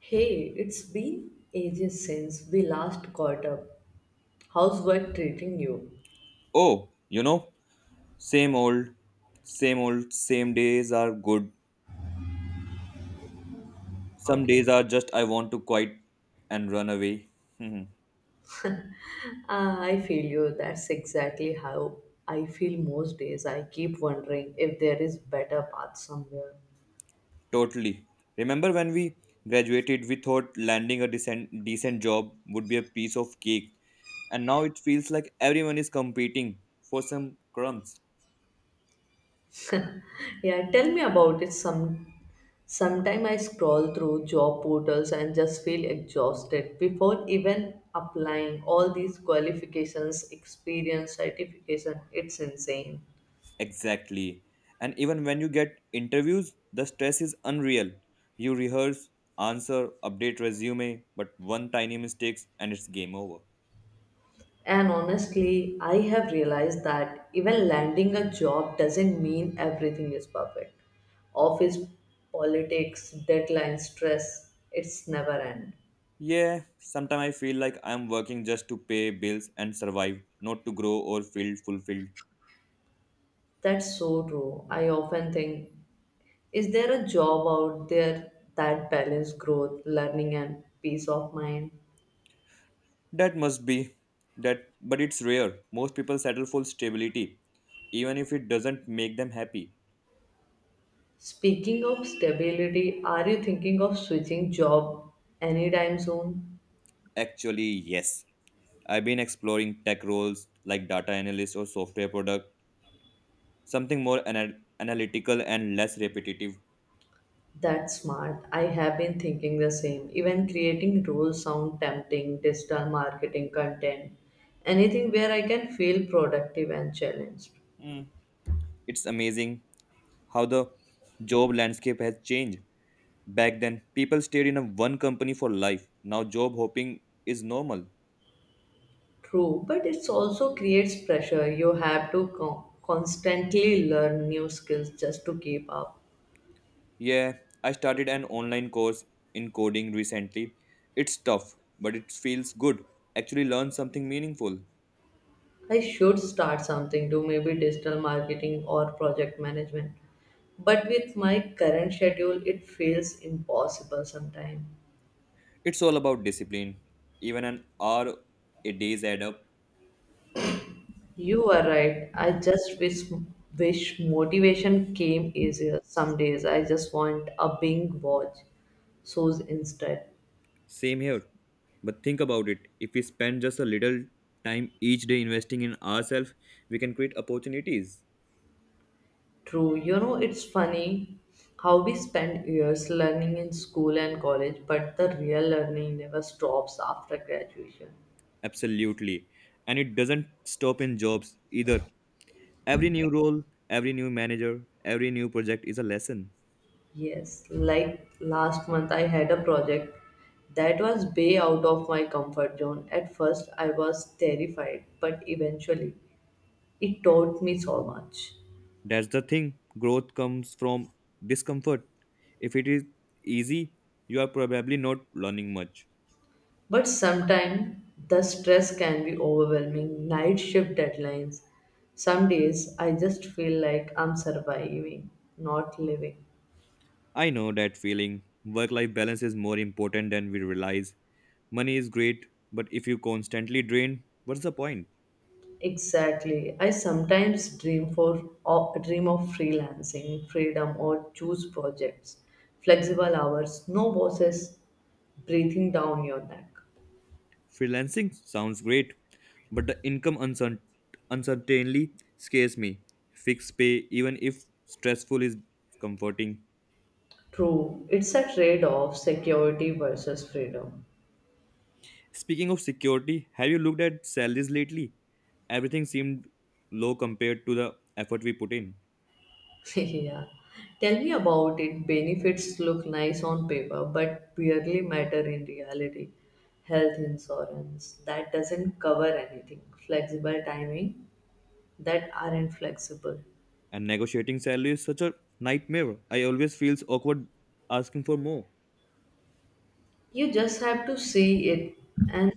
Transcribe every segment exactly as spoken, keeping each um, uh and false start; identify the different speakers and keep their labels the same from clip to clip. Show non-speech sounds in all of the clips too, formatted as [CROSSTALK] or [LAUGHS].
Speaker 1: Hey, it's been ages since we last caught up. How's work treating you?
Speaker 2: Oh, you know, same old, same old, same days are good. Some
Speaker 1: Okay.
Speaker 2: days are just I want to quit and run away. Mhm.
Speaker 1: Ah, I feel you. That's exactly how I feel most days. I keep wondering if there is better path somewhere.
Speaker 2: totally. Remember when we graduated, we thought landing a decent, decent job would be a piece of cake, and now it feels like everyone is competing for some crumbs.
Speaker 1: Yeah, tell me about it some sometime I scroll through job portals and just feel exhausted before even applying all these qualifications, experience, certification. It's insane.
Speaker 2: Exactly. And even when you get interviews, the stress is unreal. You rehearse, answer, update resume, but one tiny mistake and it's game over.
Speaker 1: And honestly, I have realized that even landing a job doesn't mean everything is perfect. Office politics, deadline stress, it's never end.
Speaker 2: Yeah, sometimes I feel like I'm working just to pay bills and survive, not to grow or feel fulfilled.
Speaker 1: That's so true. I often think, is there a job out there that balances growth, learning, and peace of mind?
Speaker 2: That must be that, but it's rare. Most people settle for stability, even if it doesn't make them happy.
Speaker 1: Speaking of stability, are you thinking of switching job anytime soon?
Speaker 2: Actually, yes. I've been exploring tech roles like data analyst or software product, something more ana- analytical and less repetitive.
Speaker 1: That's smart. I have been thinking the same. Even creating rules sound tempting, digital marketing content, anything where I can feel productive and challenged.
Speaker 2: Mm. It's amazing how the job landscape has changed. Back then, people stayed in a one company for life. Now job hopping is normal.
Speaker 1: True, but it also creates pressure. You have to con- constantly learn new skills just to keep up.
Speaker 2: Yeah, I started an online course in coding recently. It's tough, but it feels good. Actually learn something meaningful.
Speaker 1: I should start something do maybe digital marketing or project management. But with my current schedule, it feels impossible sometimes.
Speaker 2: It's all about discipline. Even an hour a days add up.
Speaker 1: You are right. I just wish wish motivation came easier. Some days I just want a big watch shows instead.
Speaker 2: Same here. But think about it. If we spend just a little time each day investing in ourselves, we can create opportunities.
Speaker 1: True. You know, it's funny how we spend years learning in school and college, but the real learning never stops after graduation.
Speaker 2: Absolutely. And it doesn't stop in jobs either. Every new role, every new manager, every new project is a lesson.
Speaker 1: Yes, like last month I had a project that was way out of my comfort zone. At first I was terrified, but eventually it taught me so much.
Speaker 2: That's the thing. Growth comes from discomfort. If it is easy, you are probably not learning much.
Speaker 1: But sometimes the stress can be overwhelming. Night shift deadlines. Some days I just feel like I'm surviving, not living.
Speaker 2: I know that feeling. Work life balance is more important than we realize. Money is great, but if you constantly drain, what's the point?
Speaker 1: Exactly. I sometimes dream for or dream of freelancing, freedom or choose projects, flexible hours, no bosses breathing down your neck.
Speaker 2: Freelancing sounds great, but the income uncertain- uncertainly scares me. Fixed pay, even if stressful, is comforting.
Speaker 1: True. It's a trade-off security versus freedom.
Speaker 2: Speaking of security, have you looked at salaries lately? Everything seemed low compared to the effort we put in.
Speaker 1: [LAUGHS] yeah. Tell me about it. Benefits look nice on paper, but barely matter in reality. Health insurance that doesn't cover anything. Flexible timing that aren't flexible.
Speaker 2: And negotiating salary is such a nightmare. I always feel awkward asking for more.
Speaker 1: You just have to see it and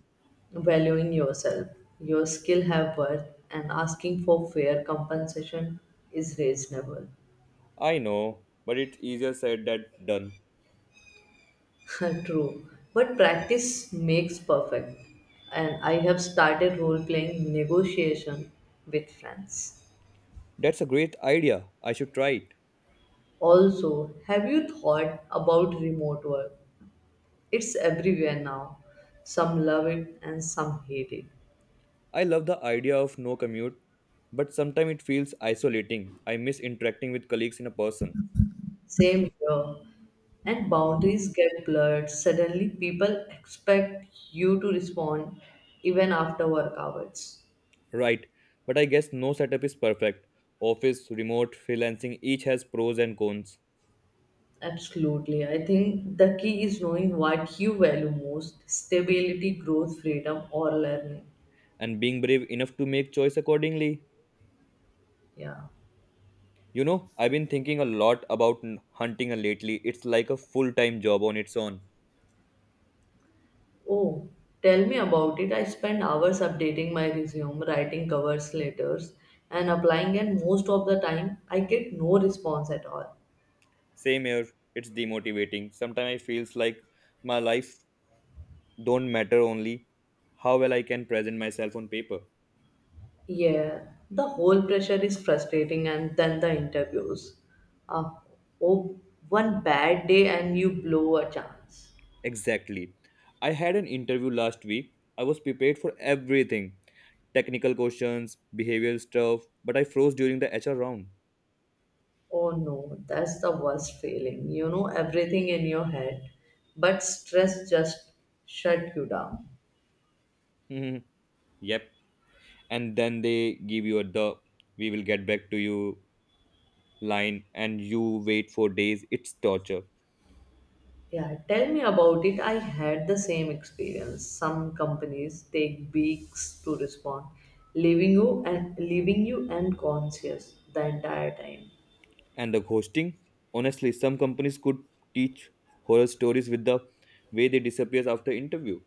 Speaker 1: valuing yourself. Your skill have worth and asking for fair compensation is reasonable.
Speaker 2: I know, but it's easier said than done.
Speaker 1: [LAUGHS] True, but practice makes perfect, and I have started role playing negotiation with friends.
Speaker 2: That's a great idea. I should try it.
Speaker 1: Also, have you thought about remote work? It's everywhere now. Some love it and some hate it.
Speaker 2: I love the idea of no commute, but sometimes it feels isolating. I miss interacting with colleagues in a person.
Speaker 1: Same here. And boundaries get blurred. Suddenly, people expect you to respond even after work hours.
Speaker 2: Right, but I guess no setup is perfect. Office, remote, freelancing each has pros and cons.
Speaker 1: Absolutely. I think the key is knowing what you value most stability, growth, freedom, or learning.
Speaker 2: and being brave enough to make choice accordingly.
Speaker 1: Yeah.
Speaker 2: You know, I've been thinking a lot about n- hunting lately. It's like a full-time job on its own.
Speaker 1: Oh, tell me about it. I spend hours updating my resume, writing covers letters, and applying, and most of the time, I get no response at all.
Speaker 2: Same here, it's demotivating. Sometimes I feels like my life don't matter only how well I can present myself on paper.
Speaker 1: Yeah, the whole pressure is frustrating, and then the interviews. Uh, oh, one bad day, and you blow a chance.
Speaker 2: Exactly. I had an interview last week. I was prepared for everything. Technical questions, behavioral stuff, but I froze during the H R round.
Speaker 1: Oh no, that's the worst feeling. You know everything in your head, but stress just shut you down.
Speaker 2: [LAUGHS] yep. And then they give you the "we will get back to you" line, and you wait for days. It's torture
Speaker 1: Yeah, tell me about it. I had the same experience. Some companies take weeks to respond, leaving you and leaving you unconscious the entire time.
Speaker 2: and the ghosting, honestly, some companies could teach horror stories with the way they disappear after interview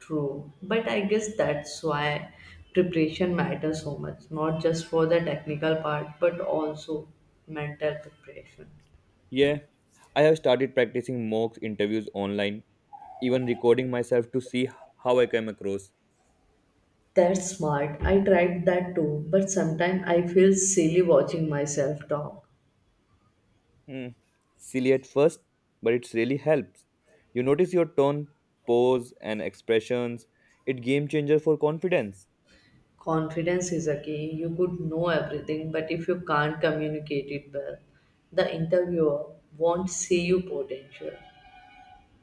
Speaker 1: True, but I guess that's why preparation matters so much, not just for the technical part, but also mental preparation.
Speaker 2: yeah I have started practicing mock interviews online, even recording myself to see how I came across
Speaker 1: That's smart. I tried that too, but sometimes I feel silly watching myself talk.
Speaker 2: Hmm, silly at first, but it really helps. You notice your tone, pose, and expressions. It game changer for confidence.
Speaker 1: Confidence is a key. You could know everything, but if you can't communicate it well, the interviewer won't see your potential.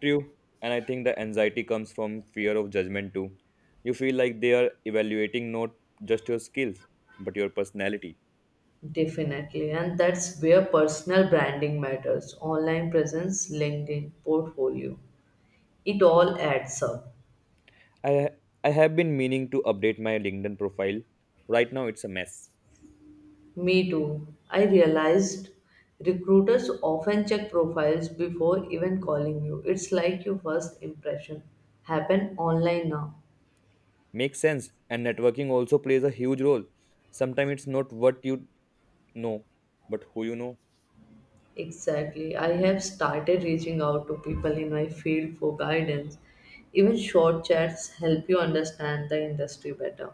Speaker 2: True, and I think the anxiety comes from fear of judgment too. You feel like they are evaluating not just your skills, but your personality.
Speaker 1: Definitely, and that's where personal branding matters. Online presence, LinkedIn, portfolio. It all adds up.
Speaker 2: I I have been meaning to update my LinkedIn profile. Right now it's a mess.
Speaker 1: Me too. I realized recruiters often check profiles before even calling you. It's like your first impression happen online now.
Speaker 2: Makes sense, and networking also plays a huge role. Sometimes it's not what you know, but who you know.
Speaker 1: Exactly. I have started reaching out to people in my field for guidance. Even short chats help you understand the industry better.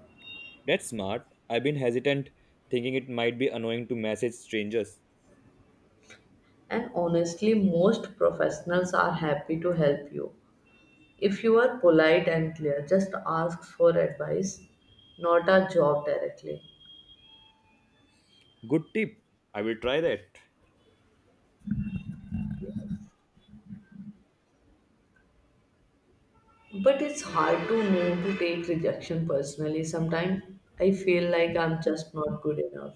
Speaker 2: That's smart. I've been hesitant, thinking it might be annoying to message strangers.
Speaker 1: And honestly, most professionals are happy to help you. If you are polite and clear, just ask for advice, not a job directly.
Speaker 2: Good tip. I will try that.
Speaker 1: But it's hard to know to take rejection personally. Sometimes I feel like I'm just not good enough.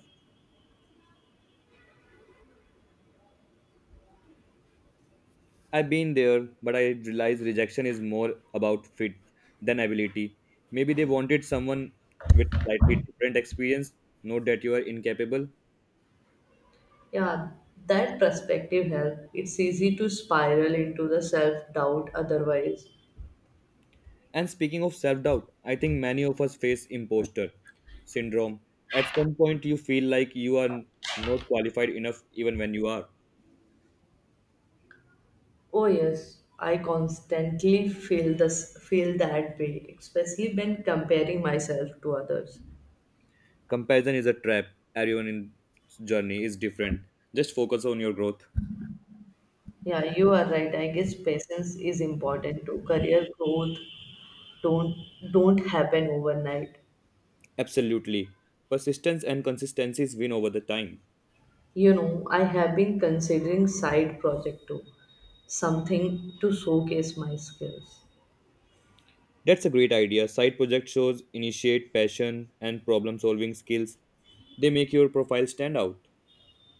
Speaker 2: I've been there, but I realize rejection is more about fit than ability. Maybe they wanted someone with slightly different experience, not that you are incapable.
Speaker 1: Yeah, that perspective helps. It's easy to spiral into the self doubt otherwise.
Speaker 2: And speaking of self doubt, I think many of us face imposter syndrome. At some point, you feel like you are not qualified enough, even when you are.
Speaker 1: Oh yes, I constantly feel this feel that way, especially when comparing myself to others.
Speaker 2: Comparison is a trap. Everyone in journey is different. Just focus on your growth.
Speaker 1: Yeah, you are right. I guess patience is important too. Career growth don't don't happen overnight.
Speaker 2: Absolutely. Persistence and consistencies win over the time.
Speaker 1: You know, I have been considering side project too, something to showcase my skills.
Speaker 2: That's a great idea. Side project shows initiate passion and problem solving skills. They make your profile stand out.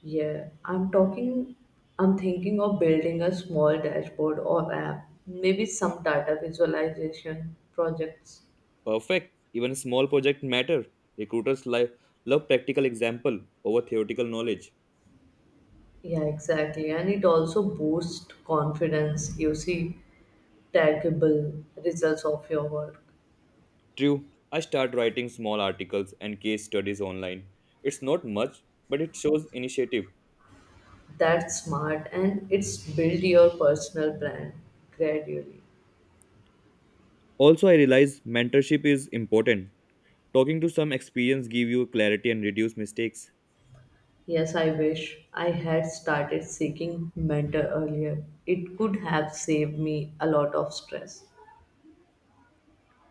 Speaker 1: Yeah, I'm talking I'm thinking of building a small dashboard or app, maybe some data visualization projects.
Speaker 2: Perfect. Even small project matter. Recruiters li- love practical example over theoretical knowledge.
Speaker 1: Yeah, exactly. And it also boosts confidence. You see tangible results of your work.
Speaker 2: True. I start writing small articles and case studies online. It's not much, but it shows initiative.
Speaker 1: That's smart and it's build your personal brand gradually.
Speaker 2: Also, I realize mentorship is important. Talking to some experience give you clarity and reduce mistakes.
Speaker 1: Yes, I wish I had started seeking mentor earlier. It could have saved me a lot of stress.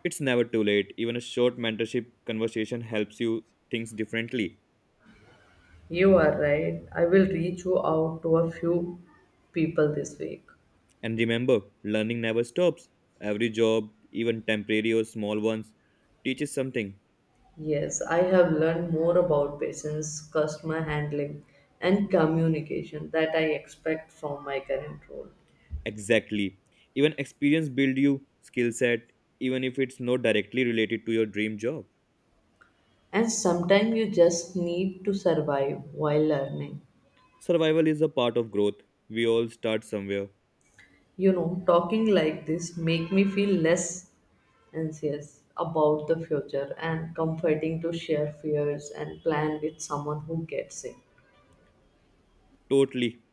Speaker 2: It's never too late. Even a short mentorship conversation helps you think differently.
Speaker 1: You are right. I will reach you out to a few people this week.
Speaker 2: And remember, learning never stops. Every job, even temporary or small ones, teaches something.
Speaker 1: Yes, I have learned more about patience, customer handling, and communication that I expect from my current role.
Speaker 2: Exactly. Even experience build you skill set even if it's not directly related to your dream job.
Speaker 1: And sometimes you just need to survive while learning.
Speaker 2: Survival is a part of growth. We all start somewhere.
Speaker 1: You know, talking like this make me feel less anxious about the future and comforting to share fears and plan with someone who gets it.
Speaker 2: Totally.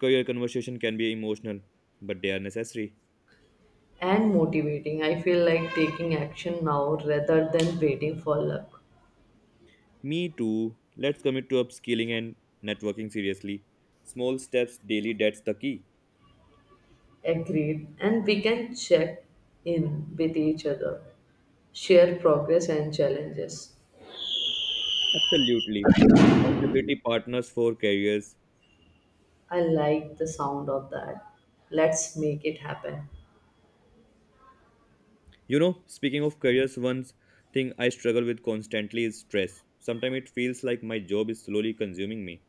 Speaker 2: Career conversation can be emotional, but they are necessary.
Speaker 1: And motivating, I feel like taking action now rather than waiting for luck.
Speaker 2: Me too. Let's commit to upskilling and networking seriously. Small steps daily, that's the key.
Speaker 1: Agreed. And we can check in with each other, share progress and challenges.
Speaker 2: Absolutely. Accountability partners for careers
Speaker 1: I like the sound of that. Let's make it happen.
Speaker 2: You know, speaking of careers, one thing I struggle with constantly is stress. Sometimes it feels like my job is slowly consuming me.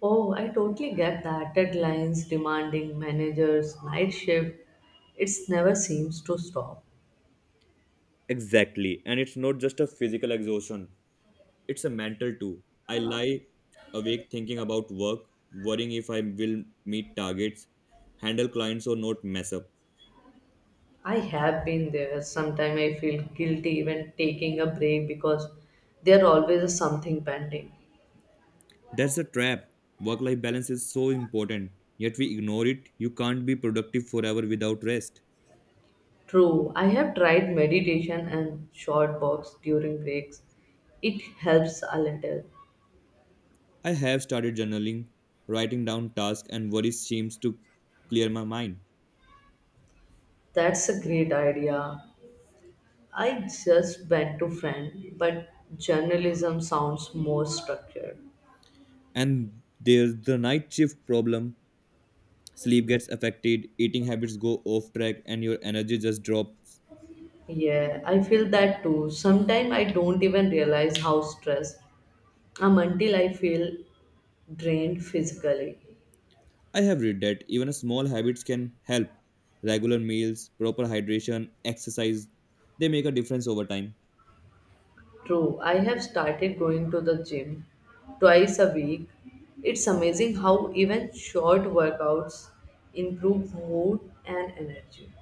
Speaker 1: Oh, I totally get that. Deadlines, demanding managers, night shift. It never seems to stop.
Speaker 2: Exactly. And it's not just a physical exhaustion, it's a mental too. I lie awake thinking about work, worrying if I will meet targets, handle clients, or not mess up.
Speaker 1: I have been there. Sometimes I feel guilty even taking a break because there always is something pending.
Speaker 2: That's a trap. Work life balance is so important, yet we ignore it. You can't be productive forever without rest.
Speaker 1: True, I have tried meditation and short walks during breaks. It helps a little.
Speaker 2: I have started journaling, writing down tasks and worries seems to clear my mind.
Speaker 1: That's a great idea. I just went to friend, but journalism sounds more structured.
Speaker 2: And there's the night shift problem. Sleep gets affected, eating habits go off track, and your energy just drops.
Speaker 1: Yeah, I feel that too. Sometimes I don't even realize how stressed I'm until I feel drained physically.
Speaker 2: I have read that even a small habits can help. Regular meals, proper hydration, exercise, they make a difference over time.
Speaker 1: True, I have started going to the gym twice a week. It's amazing how even short workouts improve mood and energy.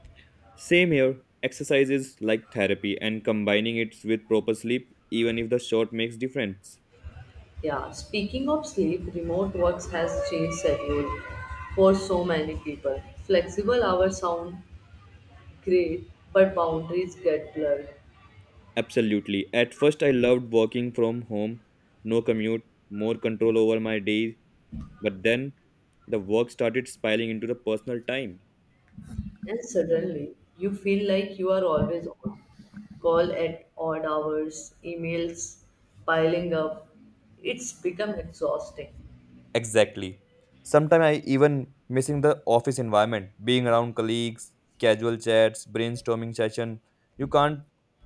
Speaker 2: Same here. Exercise is like therapy, and combining it with proper sleep, even if the short makes difference.
Speaker 1: Yeah, speaking of sleep, remote works has changed schedule for so many people. Flexible hours sound great, but boundaries get blurred.
Speaker 2: Absolutely. At first, I loved working from home, no commute, more control over my days. But then the work started spilling into the personal time.
Speaker 1: And suddenly, you feel like you are always on call at odd hours, emails piling up. It's become exhausting.
Speaker 2: Exactly. Sometimes I even missing the office environment, being around colleagues, casual chats, brainstorming session. You can't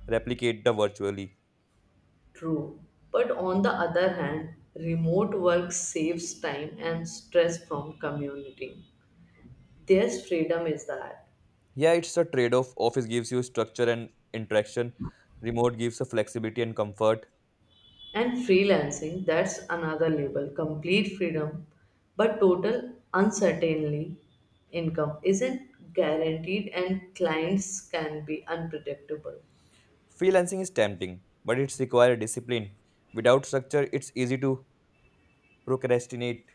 Speaker 2: replicate the virtually.
Speaker 1: True. But on the other hand, remote work saves time and stress from community. There's freedom is that.
Speaker 2: Yeah, it's a trade-off. Office gives you structure and interaction. Remote gives a flexibility and comfort.
Speaker 1: And freelancing, that's another label. Complete freedom, but total uncertainty income isn't guaranteed and clients can be unpredictable.
Speaker 2: Freelancing is tempting, but it's requires discipline. Without structure, it's easy to procrastinate.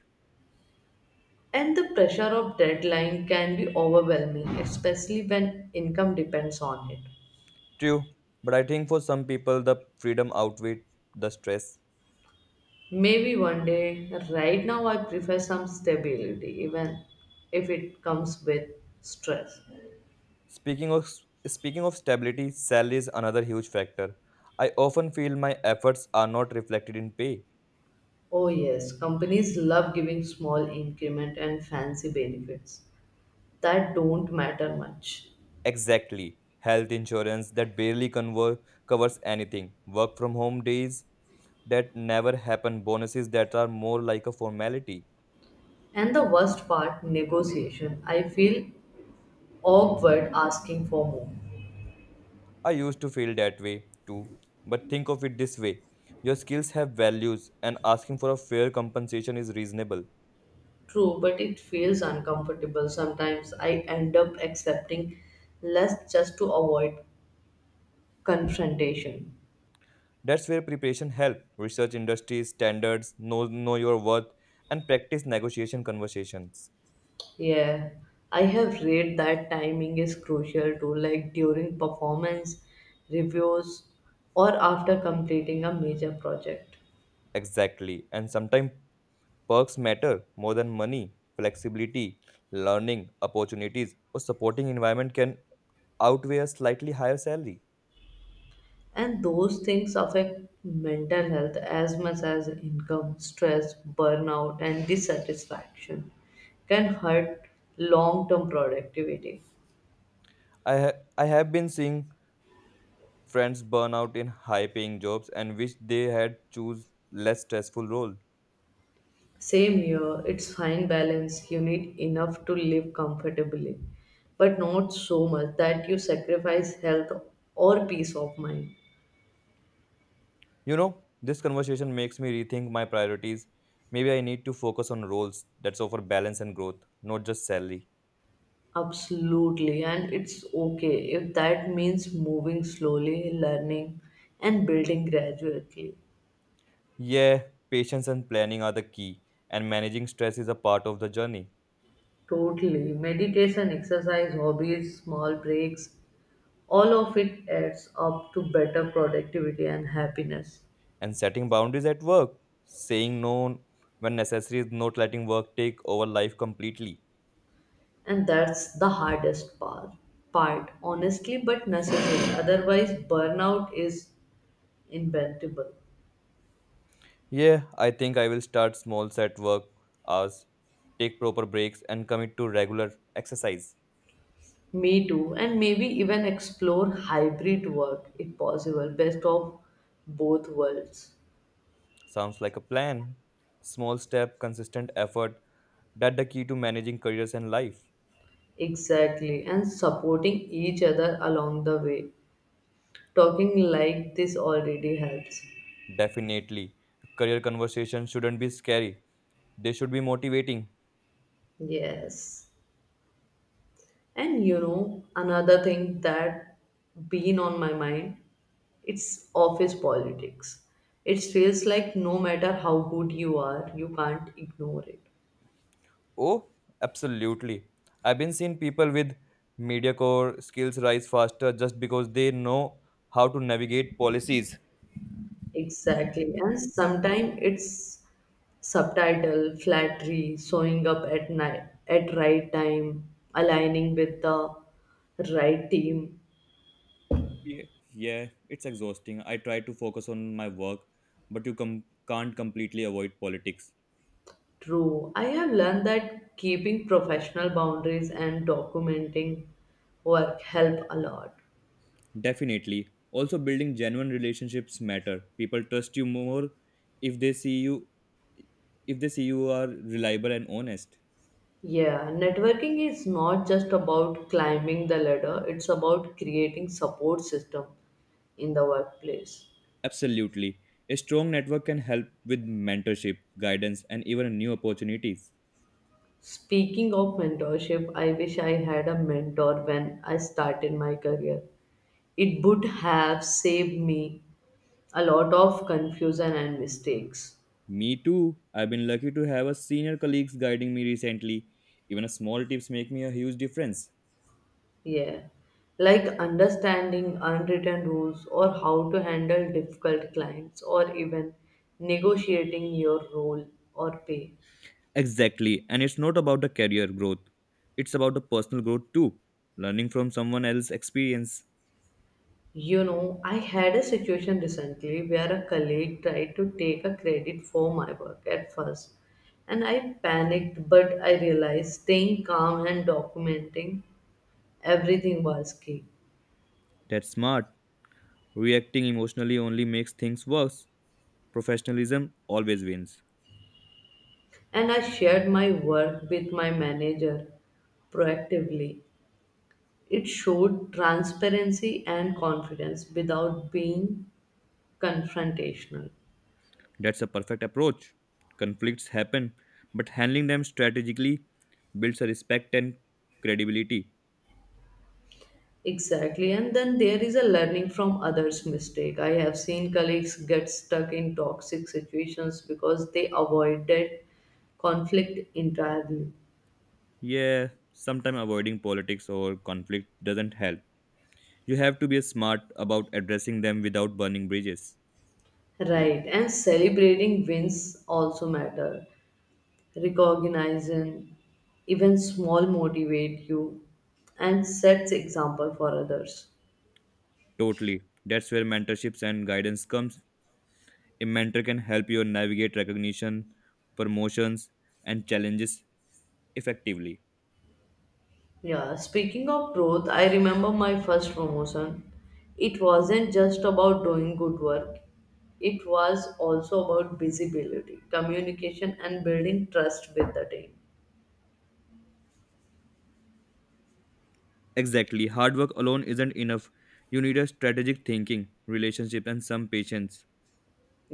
Speaker 1: And the pressure of deadline can be overwhelming, especially when income depends on it.
Speaker 2: True, but I think for some people the freedom outweighs the stress.
Speaker 1: Maybe one day, right now, I prefer some stability, even if it comes with stress.
Speaker 2: Speaking of speaking of stability, salary is another huge factor. I often feel my efforts are not reflected in pay.
Speaker 1: Oh, yes, companies love giving small increment and fancy benefits that don't matter much.
Speaker 2: Exactly. Health insurance that barely conver- covers anything. Work from home days that never happen. Bonuses that are more like a formality.
Speaker 1: And the worst part, negotiation. I feel awkward asking for more.
Speaker 2: I used to feel that way too, but think of it this way: your skills have values, and asking for a fair compensation is reasonable.
Speaker 1: True, but it feels uncomfortable. Sometimes I end up accepting less just to avoid confrontation.
Speaker 2: That's where preparation helps research industries, standards, know, know your worth, and practice negotiation conversations.
Speaker 1: Yeah, I have read that timing is crucial too, like during performance reviews or after completing a major project.
Speaker 2: Exactly, and sometimes perks matter more than money. Flexibility, learning opportunities, or supporting environment can outweigh a slightly higher salary.
Speaker 1: And those things affect mental health as much as income, stress, burnout, and dissatisfaction can hurt long term productivity.
Speaker 2: I, ha- I have been seeing friends burn out in high paying jobs and wish they had choose less stressful role
Speaker 1: Same here, it's fine balance. You need enough to live comfortably, but not so much that you sacrifice health or peace of mind.
Speaker 2: you know this conversation makes me rethink my priorities. Maybe I need to focus on roles that offer balance and growth, not just salary
Speaker 1: Absolutely, and it's okay if that means moving slowly, learning, and building gradually.
Speaker 2: yeah patience and planning are the key, and managing stress is a part of the journey.
Speaker 1: Totally. Meditation, exercise, hobbies, small breaks, all of it adds up to better productivity and happiness.
Speaker 2: And setting boundaries at work, saying no when necessary, is not letting work take over life completely
Speaker 1: And that's the hardest part part honestly, but necessary, otherwise burnout is inevitable.
Speaker 2: yeah I think I will start small, set work hours. Take proper breaks and commit to regular exercise.
Speaker 1: Me too, and maybe even explore hybrid work if possible, best of both worlds.
Speaker 2: Sounds like a plan. Small step, consistent effort. That's the key to managing careers and life.
Speaker 1: Exactly, and supporting each other along the way, talking like this already helps.
Speaker 2: Definitely. Career conversations shouldn't be scary. They should be motivating.
Speaker 1: Yes. And you know, another thing that been on my mind, it's office politics. It feels like no matter how good you are, you can't ignore it.
Speaker 2: Oh, absolutely. I've been seeing people with mediocre skills rise faster just because they know how to navigate policies.
Speaker 1: Exactly. And sometimes it's subtitle, flattery, showing up at night at right time, aligning with the right team.
Speaker 2: Yeah, yeah, it's exhausting. I try to focus on my work, but you com- can't completely avoid politics.
Speaker 1: True. I have learned that keeping professional boundaries and documenting work help a lot.
Speaker 2: Definitely. Also, building genuine relationships matter. People trust you more if they see you if they see you are reliable and honest.
Speaker 1: Yeah, networking is not just about climbing the ladder, it's about creating support system in the workplace.
Speaker 2: Absolutely. A strong network can help with mentorship, guidance, and even new opportunities.
Speaker 1: Speaking of mentorship, I wish I had a mentor when I started my career. It would have saved me a lot of confusion and mistakes.
Speaker 2: Me too. I've been lucky to have a senior colleagues guiding me recently. Even a small tips make me a huge difference.
Speaker 1: Yeah. Like understanding unwritten rules or how to handle difficult clients or even negotiating your role or pay.
Speaker 2: Exactly. And it's not about the career growth. It's about the personal growth too. Learning from someone else's experience.
Speaker 1: You know, I had a situation recently where a colleague tried to take a credit for my work at first, and I panicked, but I realized staying calm and documenting everything was key.
Speaker 2: That's smart. Reacting emotionally only makes things worse. Professionalism always wins.
Speaker 1: And I shared my work with my manager proactively. It showed transparency and confidence without being confrontational.
Speaker 2: That's a perfect approach. Conflicts happen, but handling them strategically builds a respect and credibility.
Speaker 1: Exactly, and then there is a learning from others' mistake. I have seen colleagues get stuck in toxic situations because they avoided conflict entirely.
Speaker 2: Yeah, sometimes avoiding politics or conflict doesn't help. You have to be smart about addressing them without burning bridges.
Speaker 1: Right, and celebrating wins also matter. Recognizing even small motivate you and sets example for others.
Speaker 2: Totally. That's where mentorships and guidance comes. A mentor can help you navigate recognition, promotions, and challenges effectively.
Speaker 1: Yeah, speaking of growth, I remember my first promotion. It wasn't just about doing good work, it was also about visibility, communication, and building trust with the team.
Speaker 2: Exactly. Hard work alone isn't enough. You need a strategic thinking, relationship, and some patience.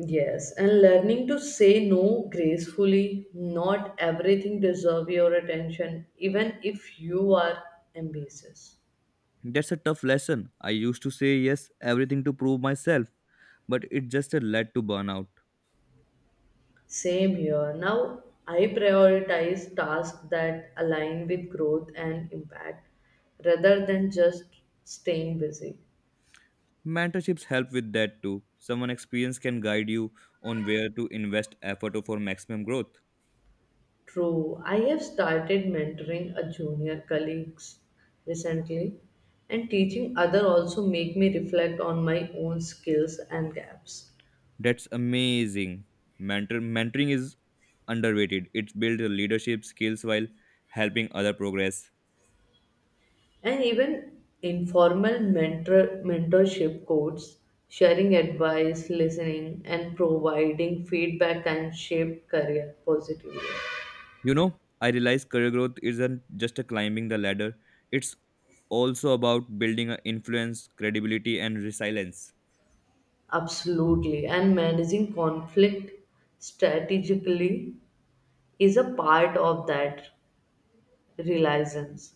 Speaker 1: Yes, and learning to say no gracefully. Not everything deserves your attention, even if you are ambitious.
Speaker 2: That's a tough lesson. I used to say yes everything to prove myself, but it just led to burnout.
Speaker 1: Same here. Now I prioritize tasks that align with growth and impact rather than just staying busy.
Speaker 2: Mentorships help with that too. Someone experienced can guide you on where to invest effort for maximum growth.
Speaker 1: True, I have started mentoring a junior colleagues recently and teaching other also make me reflect on my own skills and gaps.
Speaker 2: That's amazing. Mentor mentoring is underrated. It builds leadership skills while helping other progress.
Speaker 1: And even informal mentor mentorship codes, sharing advice, listening and providing feedback can shape career positively.
Speaker 2: You know, I realize career growth isn't just a climbing the ladder, it's also about building an influence, credibility, and resilience.
Speaker 1: Absolutely. And managing conflict strategically is a part of that realizance.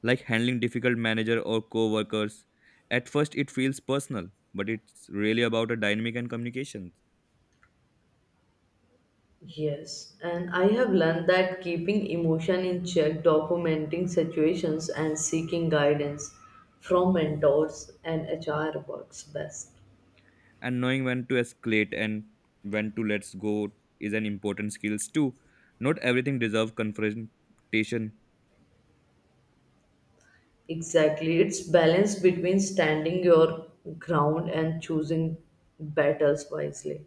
Speaker 2: Like handling difficult manager or co-workers. At first it feels personal, but it's really about a dynamic and communication.
Speaker 1: Yes. And I have learned that keeping emotion in check, documenting situations, and seeking guidance from mentors and H R works best.
Speaker 2: And knowing when to escalate and when to let go is an important skills too. Not everything deserves confrontation.
Speaker 1: Exactly. It's balance between standing your ground and choosing battles wisely.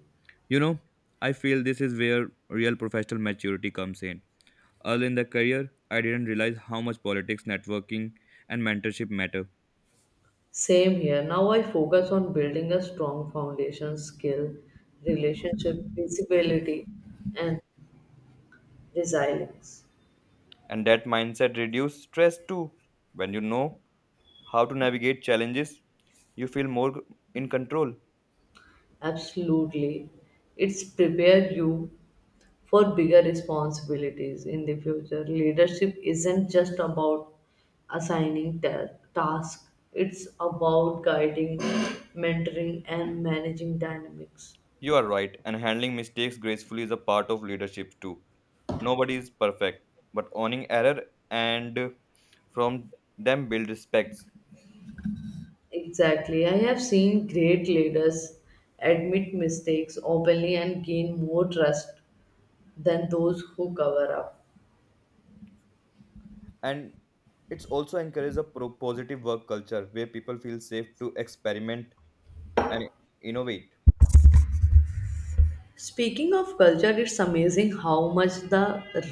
Speaker 2: You know, I feel this is where real professional maturity comes in. Early in the career, I didn't realize how much politics, networking, and mentorship matter.
Speaker 1: Same here. Now I focus on building a strong foundation, skill, relationship, visibility, and resilience.
Speaker 2: And that mindset reduces stress too. When you know how to navigate challenges, you feel more in control.
Speaker 1: Absolutely. It's prepare you for bigger responsibilities in the future. Leadership isn't just about assigning ta- tasks, it's about guiding, mentoring, and managing dynamics.
Speaker 2: You are right, and handling mistakes gracefully is a part of leadership too. Nobody is perfect, but owning error and from them build respect.
Speaker 1: Exactly. I have seen great leaders admit mistakes openly and gain more trust than those who cover up.
Speaker 2: And it's also encourages a pro- positive work culture where people feel safe to experiment and innovate.
Speaker 1: Speaking of culture, it's amazing how much the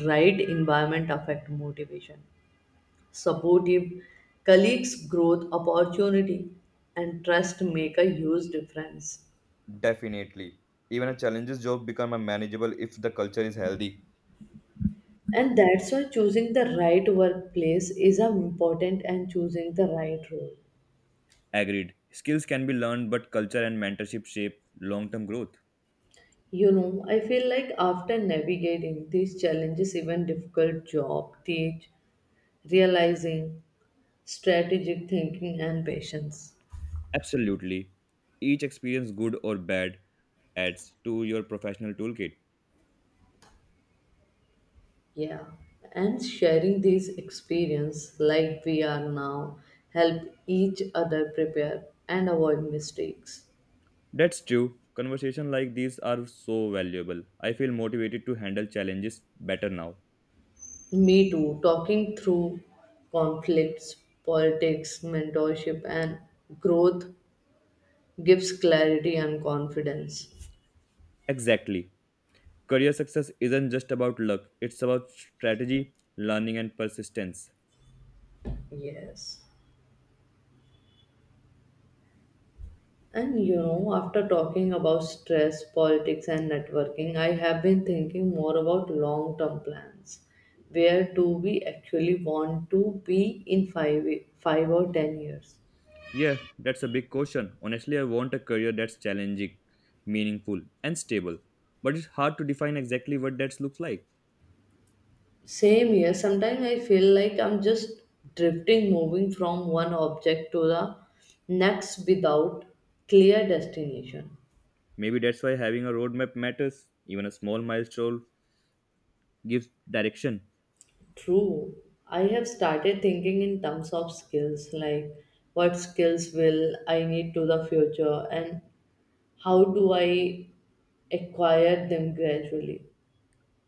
Speaker 1: right environment affect motivation. Supportive colleagues, growth, opportunity, and trust make a huge difference.
Speaker 2: Definitely. Even a challenges job become a manageable if the culture is healthy.
Speaker 1: And that's why choosing the right workplace is important and choosing the right role.
Speaker 2: Agreed. Skills can be learned, but culture and mentorship shape long term growth.
Speaker 1: You know, I feel like after navigating these challenges, even difficult job, teach, realizing, strategic thinking and patience.
Speaker 2: Absolutely. Each experience, good or bad, adds to your professional toolkit.
Speaker 1: Yeah. And sharing these experience like we are now help each other prepare and avoid mistakes.
Speaker 2: That's true. Conversations like these are so valuable. I feel motivated to handle challenges better now.
Speaker 1: Me too, talking through conflicts, politics, mentorship and growth gives clarity and confidence.
Speaker 2: Exactly. Career success isn't just about luck, it's about strategy, learning, and persistence.
Speaker 1: Yes. And you know, after talking about stress, politics, and networking, I have been thinking more about long term plans. Where do we actually want to be in five, five or ten years?
Speaker 2: Yeah, that's a big question. Honestly, I want a career that's challenging, meaningful, and stable. But it's hard to define exactly what that looks like.
Speaker 1: Same here, sometimes I feel like I'm just drifting, moving from one object to the next without clear destination.
Speaker 2: Maybe that's why having a roadmap matters. Even a small milestone gives direction.
Speaker 1: True. I have started thinking in terms of skills, like what skills will I need to the future and how do I acquire them gradually.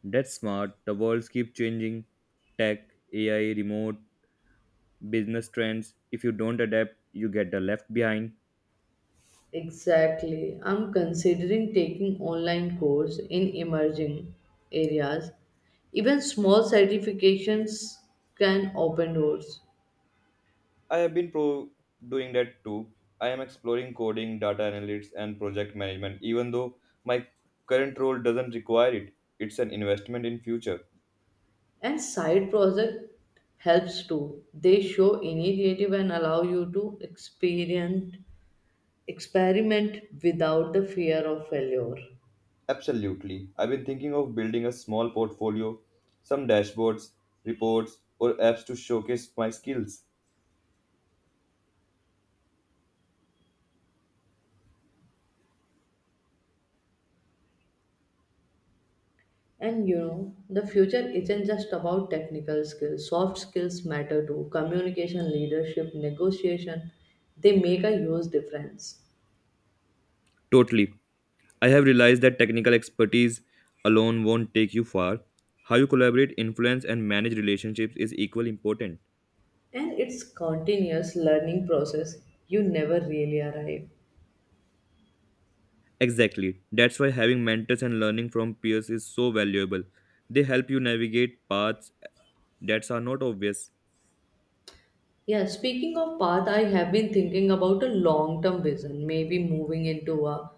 Speaker 2: That's smart. The worlds keep changing. Tech, A I, remote, business trends. If you don't adapt, you get the left behind.
Speaker 1: Exactly. I'm considering taking online course in emerging areas. Even small certifications can open doors.
Speaker 2: I have been pro doing that too. I am exploring coding, data analytics, and project management, even though my current role doesn't require it. It's an investment in future.
Speaker 1: And side project helps too. They show initiative and allow you to experience experiment without the fear of failure.
Speaker 2: Absolutely. I've been thinking of building a small portfolio, some dashboards, reports, or apps to showcase my skills.
Speaker 1: And you know, the future isn't just about technical skills, soft skills matter too, communication, leadership, negotiation, they make a huge difference.
Speaker 2: Totally. I have realized that technical expertise alone won't take you far. How you collaborate, influence, and manage relationships is equally important.
Speaker 1: And it's continuous learning process, you never really arrive.
Speaker 2: Exactly. That's why having mentors and learning from peers is so valuable. They help you navigate paths that are not obvious.
Speaker 1: Yeah, speaking of path, I have been thinking about a long term vision, maybe moving into a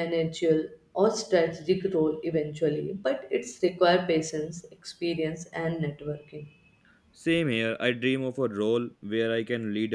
Speaker 1: managerial or strategic role eventually, but it's require patience, experience and networking.
Speaker 2: Same here, I dream of a role where I can lead